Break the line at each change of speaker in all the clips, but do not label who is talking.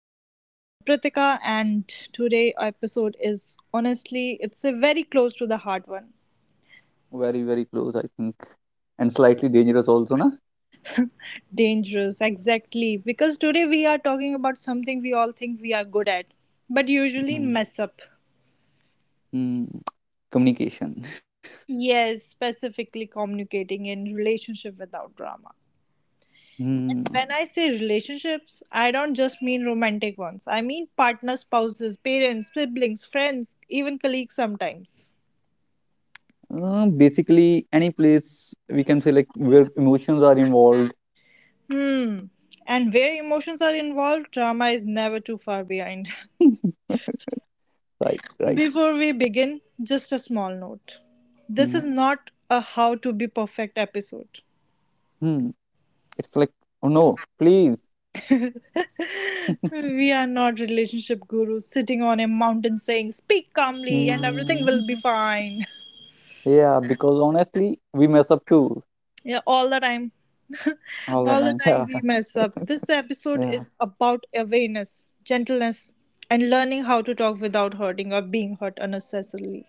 podcast. I'm Pritika and today episode is honestly it's a very close to the heart one.
Very, very close, I think. And slightly dangerous also, na?
Dangerous, exactly. Because today we are talking about something we all think we are good at, but usually
Hmm.
mess up.
mm. Communication.
Yes, specifically communicating in relationship without drama. And
Mm.
when I say relationships, I don't just mean romantic ones. I mean partner, spouses, parents, siblings, friends, even colleagues sometimes.
Basically, any place we can say like where emotions are involved.
Hmm. And where emotions are involved, drama is never too far behind.
Right, right.
Before we begin, just a small note. This
Mm,
is not a how to be perfect episode.
mm. It's like, oh no, please.
We are not relationship gurus sitting on a mountain saying, speak calmly and everything
Mm.
will be fine.
Yeah, because honestly, we mess up too
Yeah, all the time.
all the
All the
time.
time
Yeah,
we mess up. This episode
yeah.
is about awareness, gentleness, and learning how to talk without hurting or being hurt unnecessarily.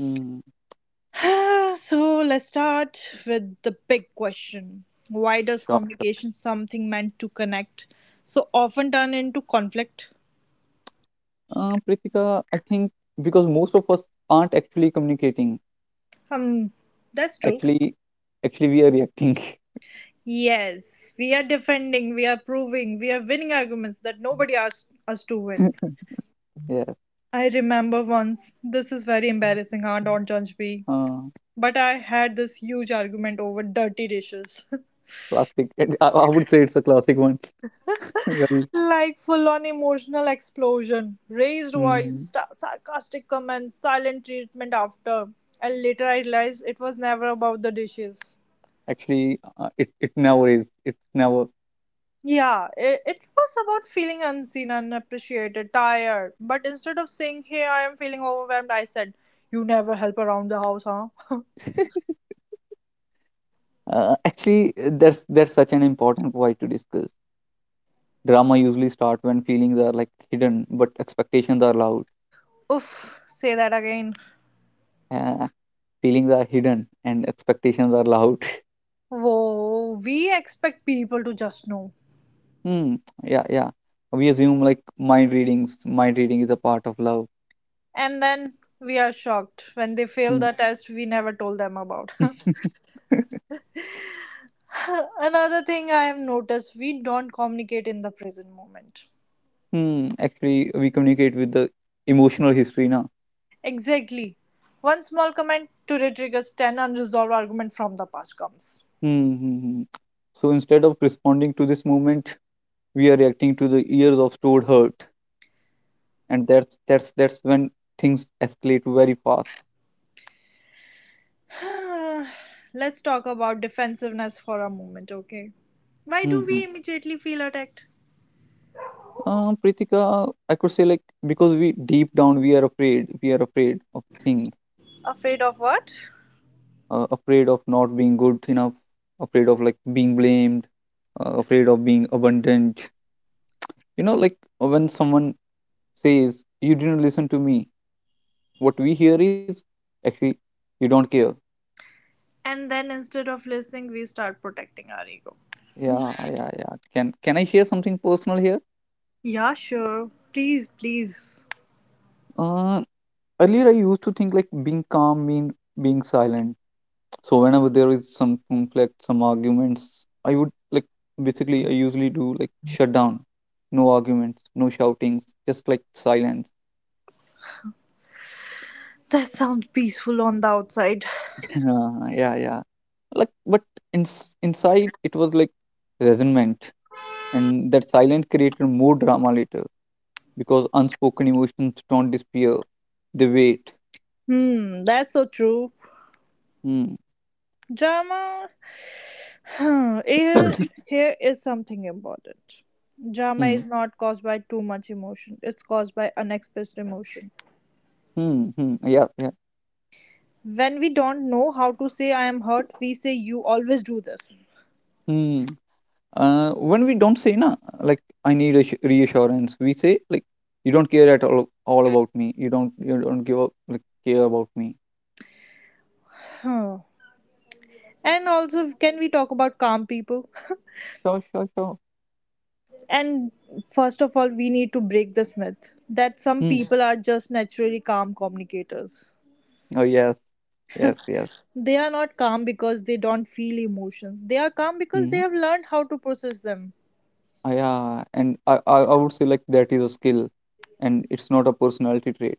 Mm.
So let's start with the big question. Why does
Sure, sure.
communication, something meant to connect, so often turn into conflict?
Pritika, I think because most of us aren't actually communicating.
Um, that's true.
Actually, actually we are reacting.
Yes, we are defending, we are proving, we are winning arguments that nobody asked us to win.
Yeah.
I remember once, this is very embarrassing, huh? Don't judge me.
Uh,
But I had this huge argument over dirty dishes.
Classic. I would say it's a classic one. Very.
Like full on emotional explosion, raised voice,
Mm,
sta sarcastic comments, silent treatment after. And later I realized it was never about the dishes.
actually, it never is. It's never.
Yeah, it was about feeling unseen, unappreciated, tired. But instead of saying, hey, I am feeling overwhelmed, I said, you never help around the house, huh?
That's such an important point to discuss. Drama usually start when feelings are like hidden, but expectations are loud.
Oof, say that again.
Uh, Feelings are hidden and expectations are loud.
Whoa, we expect people to just know.
Hmm. Yeah. Yeah. We assume like mind readings. Mind reading is a part of love.
And then we are shocked when they fail
Hmm.
the test we never told them about. Another thing I have noticed we don't communicate in the present moment.
hmm. Actually, we communicate with the emotional history now.
Exactly. One small comment today triggers 10 unresolved arguments from the past comes.
Hmm, hmm, hmm. So instead of responding to this moment, we are reacting to the years of stored hurt, and that's when things escalate very fast.
Let's talk about defensiveness for a moment, okay? Why do
Mm-hmm.
we immediately feel attacked?
Pritika, I could say like because we deep down we are afraid of things,
Afraid of what?
afraid of not being good enough, afraid of like being blamed, afraid of being abandoned. You know, like when someone says, "You didn't listen to me," what we hear is actually, "You don't care."
And then instead of listening, we start protecting our ego.
Yeah, yeah, yeah. Can I share something personal here?
Yeah, sure. Please, please.
Uh, Earlier I used to think like being calm mean being silent. So whenever there is some conflict, some arguments, I would like basically I usually do like shut down, no arguments, no shoutings, just like silence.
That sounds peaceful on the outside.
Yeah, yeah, yeah. Like, but inside it was like resentment, and that silence created more drama later because unspoken emotions don't disappear; they wait.
Hmm, that's so true.
Hmm.
Drama, huh, here is something important. Drama is not caused by too much emotion, it's caused by unexpressed emotion.
Hmm. Hmm. Yeah. Yeah.
When we don't know how to say I am hurt, we say you always do this.
Hmm. When we don't say na, like I need a reassurance, we say like you don't care at all about me. You don't give up like care about me.
Huh. And also, can we talk about calm people?
Sure. Sure. Sure.
And first of all, we need to break this myth that some
Hmm.
people are just naturally calm communicators.
Oh yes. Yes. Yes.
They are not calm because they don't feel emotions. They are calm because they
Hmm.
have learned how to process them.
Ah, yeah. And I would say like that is a skill, and it's not a personality trait.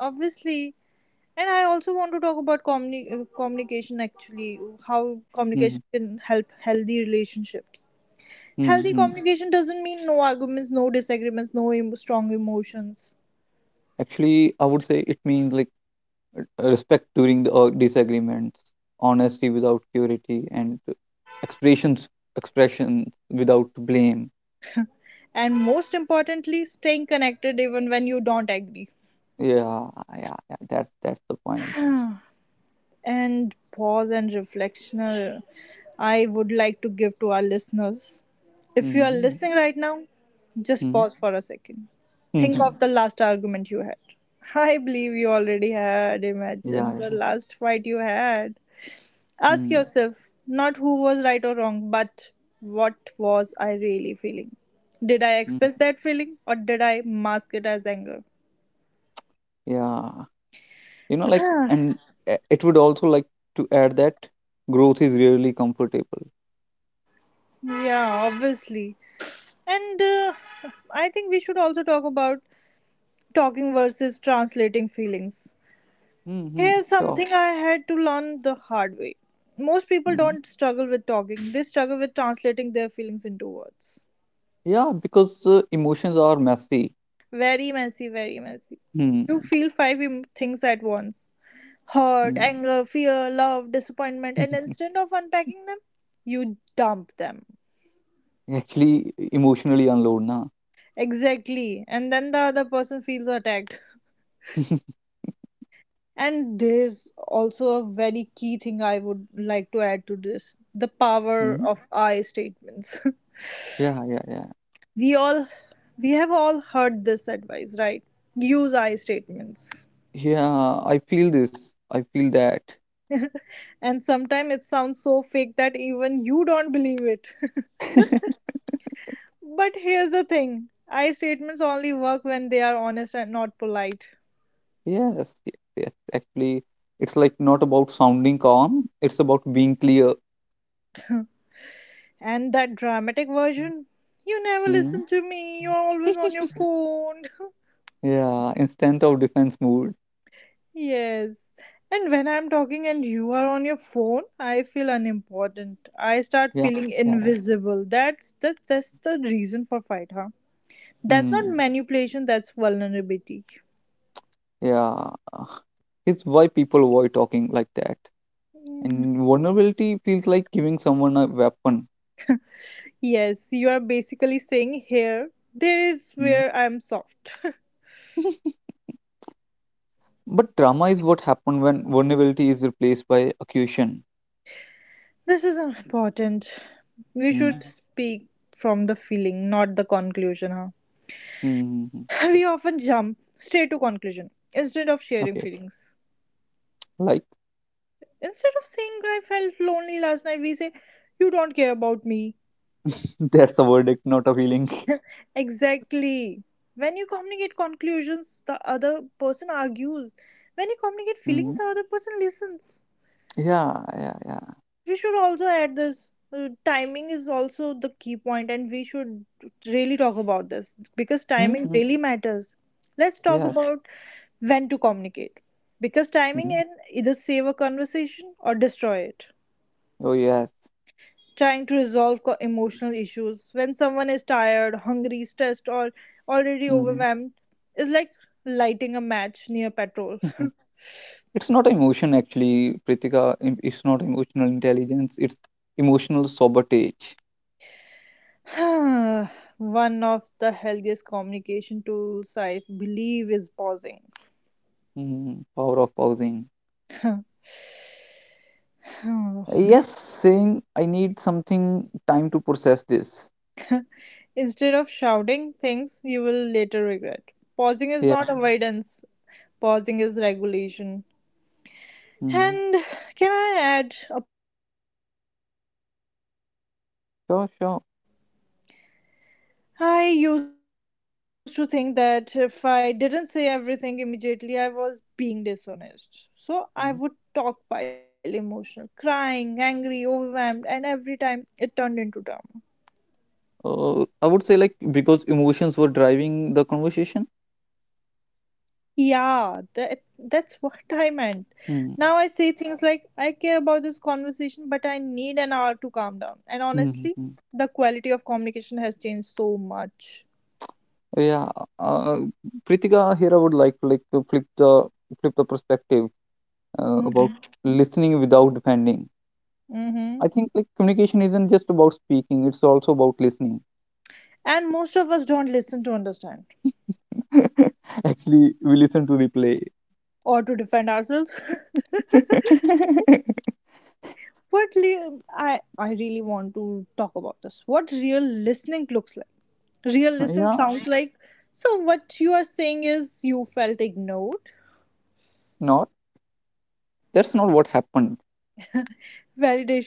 Obviously. And I also want to talk about communication actually, how
Hmm.
communication can help healthy relationships.
Hmm.
Healthy
Hmm.
communication doesn't mean no arguments, no disagreements, no strong emotions.
Actually, I would say it means like respect during the disagreements, honesty without purity, and expressions expression without blame.
And most importantly, staying connected even when you don't agree.
Yeah, yeah, yeah. That's the point.
And pause and reflection I would like to give to our listeners. If you are
Mm-hmm.
listening right now, just
Mm-hmm.
pause for a second. Think
mm-hmm.
of the last argument you had. I believe you already had.
Yeah,
Imagine the
yeah.
last fight you had. Ask
Mm,
yourself not who was right or wrong, but what was I really feeling? Did I
mm,
express that feeling or did I mask it as anger?
yeah. You know, like,
Yeah,
and it would also like to add that growth is really comfortable.
obviously. And I think we should also talk about talking versus translating feelings.
Mm-hmm.
Here's
Sure.
something I had to learn the hard way. Most people
Mm-hmm.
don't struggle with talking, they struggle with translating their feelings into words.
Yeah, because emotions are messy.
Very messy, very messy. You
Mm-hmm.
feel five things at once: hurt, anger, fear, love, disappointment, and instead of unpacking them, you dump them.
Actually, emotionally unload, na.
Exactly. And then the other person feels attacked. And there's also a very key thing I would like to add to this: the power
Mm.
of I statements.
Yeah, yeah, yeah.
we all, we have all heard this advice, right? Use I statements.
Yeah, I feel this. I feel that.
And sometimes it sounds so fake that even you don't believe it. But here's the thing: I statements only work when they are honest and not polite.
Yes, yes, yes. Actually, it's like not about sounding calm, it's about being clear.
And that dramatic version, you never
Hmm.
listen to me, you're always on your phone.
Yeah, instead of defense mood.
Yes. And when I'm talking and you are on your phone, I feel unimportant. I start
Yeah,
feeling
yeah, yeah.
invisible. That's the reason for fight, huh? That's not
Hmm.
manipulation, that's vulnerability.
Yeah. It's why people avoid talking like that.
Mhm.
And vulnerability feels like giving someone a weapon.
Yes, you are basically saying here, there is
Hmm.
where I'm soft.
But drama is what happened when vulnerability is replaced by accusation.
This is important. We
Hmm.
should speak from the feeling, not the conclusion, huh?
Hmm. hmm, hmm.
We often jump straight to conclusion instead of sharing
Okay,
feelings.
like
Instead of saying I felt lonely last night, we say you don't care about me.
that's a verdict, not a feeling.
Exactly. When you communicate conclusions, the other person argues. When you communicate feelings,
Hmm
the other person listens.
Yeah, yeah, yeah.
We should also add this. Timing is also the key point, and we should really talk about this because timing
hmm
really matters. Let's talk
Yes.
about when to communicate because timing
hmm
can either save a conversation or destroy it.
Oh, yes.
Trying to resolve emotional issues when someone is tired, hungry, stressed, or already
hmm
overwhelmed is like lighting a match near petrol.
It's not emotion actually, Pritika. It's not emotional intelligence. It's emotional sabotage.
One of the healthiest communication tools I believe is pausing.
Hmm Power of pausing. Yes, saying I need something time to process this.
Instead of shouting things you will later regret. Pausing is
Yeah.
not avoidance, pausing is regulation.
hmm
And can I add a personal story to this?
Sure, sure.
I used to think that if I didn't say everything immediately, I was being dishonest. So I
Mhm.
would talk while emotional, crying, angry, overwhelmed, and every time it turned into drama.
I would say like because emotions were driving the conversation.
Yeah, that's what I meant.
Mm-hmm.
Now I say things like, I care about this conversation, but I need an hour to calm down. And honestly,
Mm-hmm.
the quality of communication has changed so much.
Yeah, uh, Pritika here. I would like to flip the perspective about
Mm-hmm.
listening without defending.
Mm-hmm.
I think like communication isn't just about speaking; it's also about listening.
And most of us don't listen to understand
Actually, we listen to replay.
or to defend ourselves. I really want to talk about this: what real listening looks like, real listening
yeah,
sounds like. So what you are saying is you felt ignored.
not that's not what happened.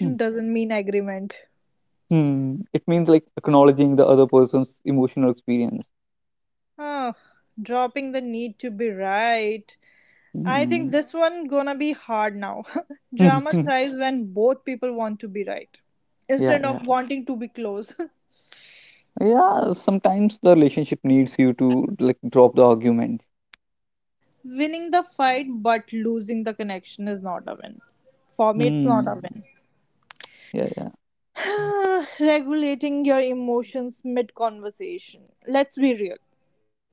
Hmm.
doesn't mean agreement.
Hmm, it means like acknowledging the other person's emotional experience.
Ah, dropping the need to be right. I
Hmm.
think this one gonna be hard now. Drama thrives when both people want to be right
yeah,
instead
yeah,
of wanting to be close.
yeah. Sometimes the relationship needs you to like drop the argument.
Winning the fight but losing the connection is not a win. For me it's not a
Hmm.
win.
Yeah, yeah.
Regulating your emotions mid conversation. Let's be real.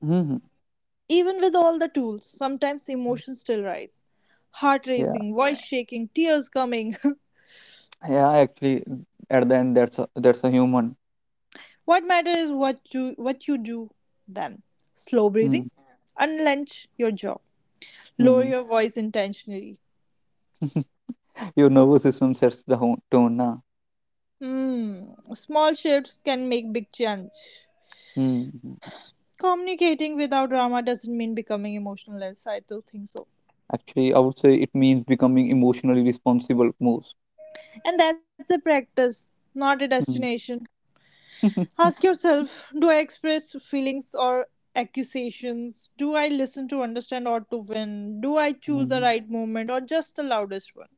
hmm
Even with all the tools, sometimes emotions still rise. Heart
Yeah,
racing, voice shaking, tears coming.
yeah. Actually, at the end, that's a human.
What matters is what you do then. Slow
Hmm.
breathing. Unlench your jaw. Lower
Hmm.
your voice intentionally.
Your nervous system sets the tone, na.
Hmm. Small shifts can make big change.
Hmm.
Communicating without drama doesn't mean becoming emotionless. I do think so.
Actually, I would say it means becoming emotionally responsible most.
And that's a practice, not a
Hmm.
destination. Ask yourself: do I express feelings or accusations? Do I listen to understand or to win? Do I choose the
Hmm.
right moment or just the loudest one?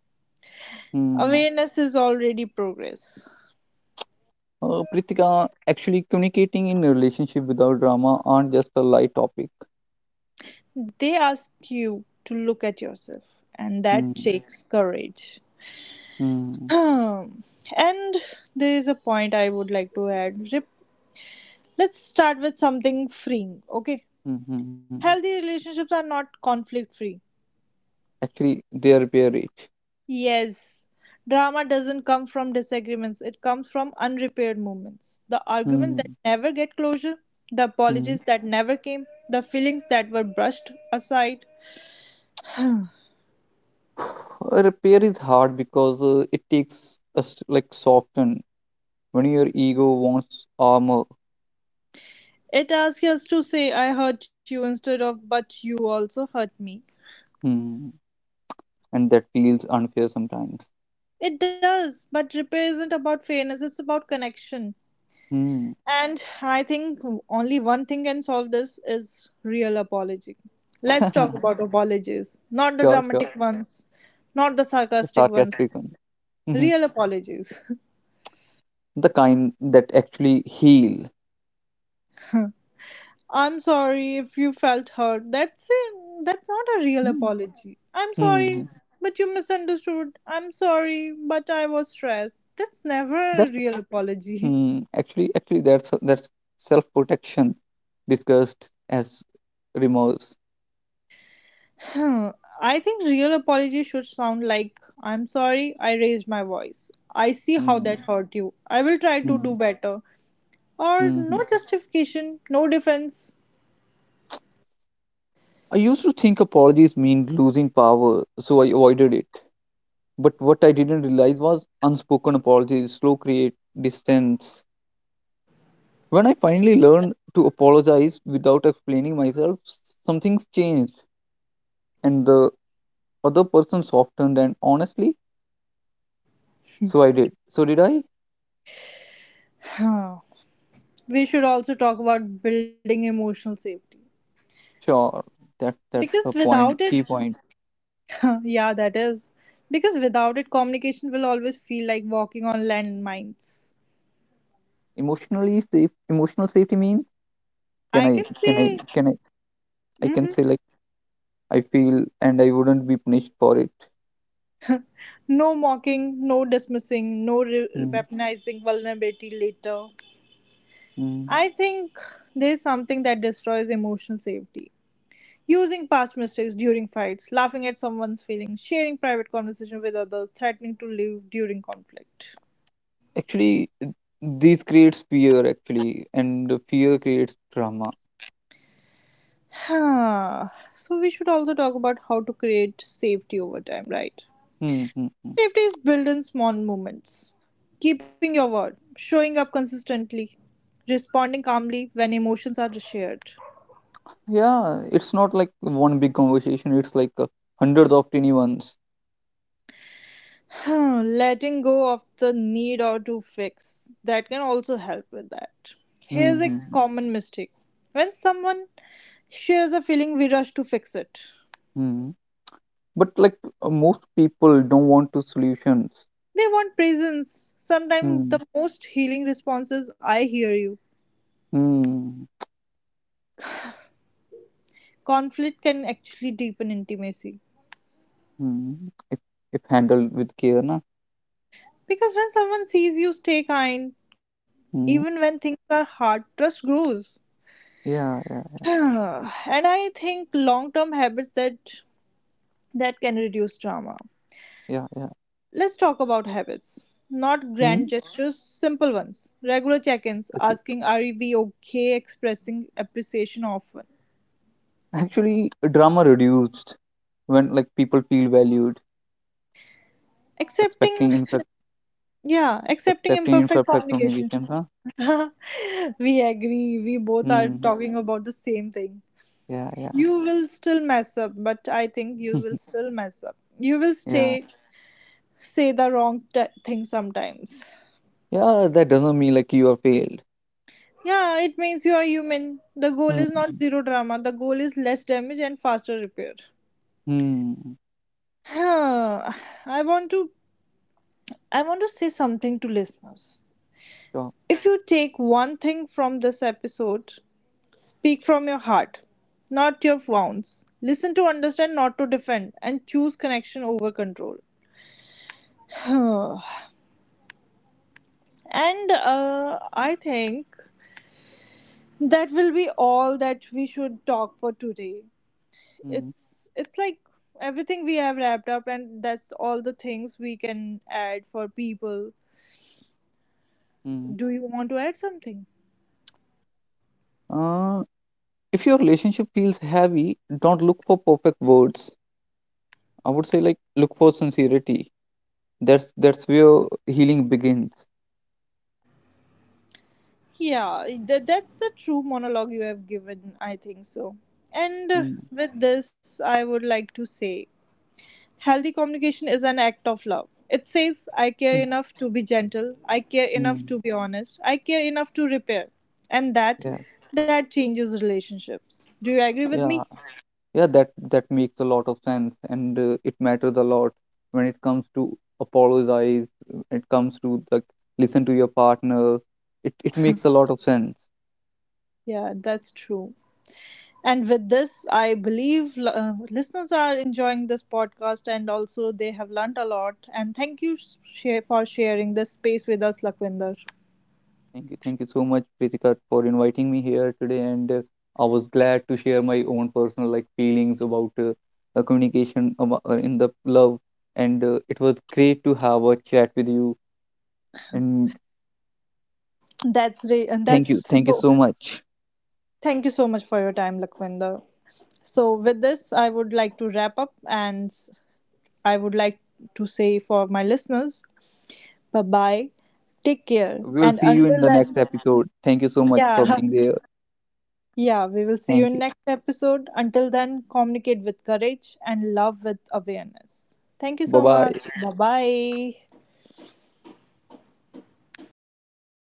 Hmm.
Awareness is already progress.
Pritika, actually, communicating in a relationship without drama aren't just a light topic.
They ask you to look at yourself, and that
Hmm.
takes courage.
Hmm.
Um, and there is a point I would like to add. Let's start with something freeing, okay?
Hmm. hmm hmm.
Healthy relationships are not conflict free.
Actually, they are very rich.
Yes, drama doesn't come from disagreements, it comes from unrepaired moments. The arguments that
Hmm.
never get closure, the
Hmm.
apologies that never came, the feelings that were brushed aside.
Uh, Repair is hard because it takes us to, like soften when your ego wants armor,
It asks us to say, I hurt you instead of, but you also hurt me.
hmm. And that feels unfair sometimes.
It does, but repair isn't about fairness, it's about connection.
Hmm.
And I think only one thing can solve this is real apology.
sure,
Let's talk about apologies, not the
sure.
dramatic ones, not the
The
sarcastic ones.
sarcastic one. Mhm.
Real apologies.
The kind that actually heal.
I'm sorry if you felt hurt. That's it. That's not a real
Hmm.
apology. I'm sorry,
Hmm.
but you misunderstood. I'm sorry, but I was stressed. That's never a
That's
real apology.
hmm. actually actually that's self protection discussed as remorse.
Hmm, I think real apology should sound like I'm sorry I raised my voice. I see how
Hmm.
that hurt you. I will try to
Hmm.
do better. Or no
Hmm.
justification, no defense.
I used to think apologies mean losing power, so I avoided it. But what I didn't realize was unspoken apologies slow create distance. When I finally learned to apologize without explaining myself, something's changed, and the other person softened. And honestly, so I did. So did I?
Hmm. We should also talk about building emotional safety.
Sure. That's
Because
the
without
point.
it,
Key point.
yeah, that is. Because without it, communication will always feel like walking on landmines.
Emotionally safe. Emotional safety means can
I
I
can
can I
say
can I can say
hmm
like I feel and I wouldn't be punished for it.
no mocking, no dismissing, no
Mm,
weaponizing vulnerability later.
mm.
I think there's something that destroys emotional safety. Using past mistakes during fights, laughing at someone's feelings, sharing private conversation with others, threatening to leave during conflict.
Actually, these creates fear actually, and the fear creates drama.
So we should also talk about how to create safety over time, right?
Hmm, hmm, hmm.
Safety is built in small moments. Keeping your word, showing up consistently, responding calmly when emotions are shared.
Yeah, it's not like one big conversation. It's like hundreds of tiny ones.
Letting go of the need or to fix that can also help with that.
Hmm,
Here's a
hmm, hmm.
common mistake: when someone shares a feeling, we rush to fix it.
hmm. But like most people don't want to solutions.
They want presence. Sometimes
Hmm,
the most healing response is, I hear you.
hmm,
Conflict can actually deepen intimacy
hmm. If handled with care, na.
because when someone sees you stay kind, even
Hmm.
when things are hard, trust grows.
Yeah, yeah,
And I think long term habits that can reduce drama.
yeah, yeah.
Let's talk about habits. Not
Hmm.
grand gestures, simple ones. Regular check ins,
Okay.
asking, are we okay? Expressing appreciation often.
Actually, drama reduced when like people feel valued,
Accepting,
expecting.
yeah, accepting
Accepting
imperfect
imperfect
communication.
communication, huh?
We agree, we both are
Hmm.
talking about the same thing.
Yeah, yeah,
You will still mess up, but I think you will still mess up. You will
yeah.
stay, say the wrong thing sometimes.
Yeah, that doesn't mean like you are failed.
Yeah, it means you are human. The goal
Hmm.
is not zero drama, the goal is less damage and faster repair.
Hmm.
Huh, I want to I want to say something to listeners.
Sure.
If you take one thing from this episode, speak from your heart, not your wounds. Listen to understand, not to defend, and choose connection over control. Huh. And I think that will be all that we should talk for today.
Hmm.
It's like everything we have wrapped up, and that's all the things we can add for people.
Hmm.
Do you want to add something?
Uh, if your relationship feels heavy, don't look for perfect words. I would say like look for sincerity. That's where healing begins.
Yeah, that's a true monologue you have given, I think so. And
Hmm.
with this, I would like to say healthy communication is an act of love. It says, I care
Hmm.
enough to be gentle, I care enough
Hmm.
to be honest, I care enough to repair. And that
Yeah.
that changes relationships. Do you agree with
Yeah.
me?
Yeah, that makes a lot of sense, and it matters a lot when it comes to apologize. It comes to like listen to your partner. It makes a lot of sense.
Yeah, that's true. And with this, I believe listeners are enjoying this podcast and also they have learnt a lot. And thank you for sharing this space with us, Lakwinder.
Thank you so much, Pritika, for inviting me here today, and I was glad to share my own personal like feelings about communication in the love, and it was great to have a chat with you. And
And that's
thank you
so.
so much.
Thank you so much for your time, Lakwinder. So with this, I would like to wrap up, and I would like to say for my listeners, bye bye, take care,
We'll
and
see you in
until
the next
then,
episode. Thank you so much for
yeah.
being there.
Yeah, we will see you
Thank
in
you.
next episode. Until then, communicate with courage and love with awareness. Thank you
Bye
so much.
bye.
Bye bye.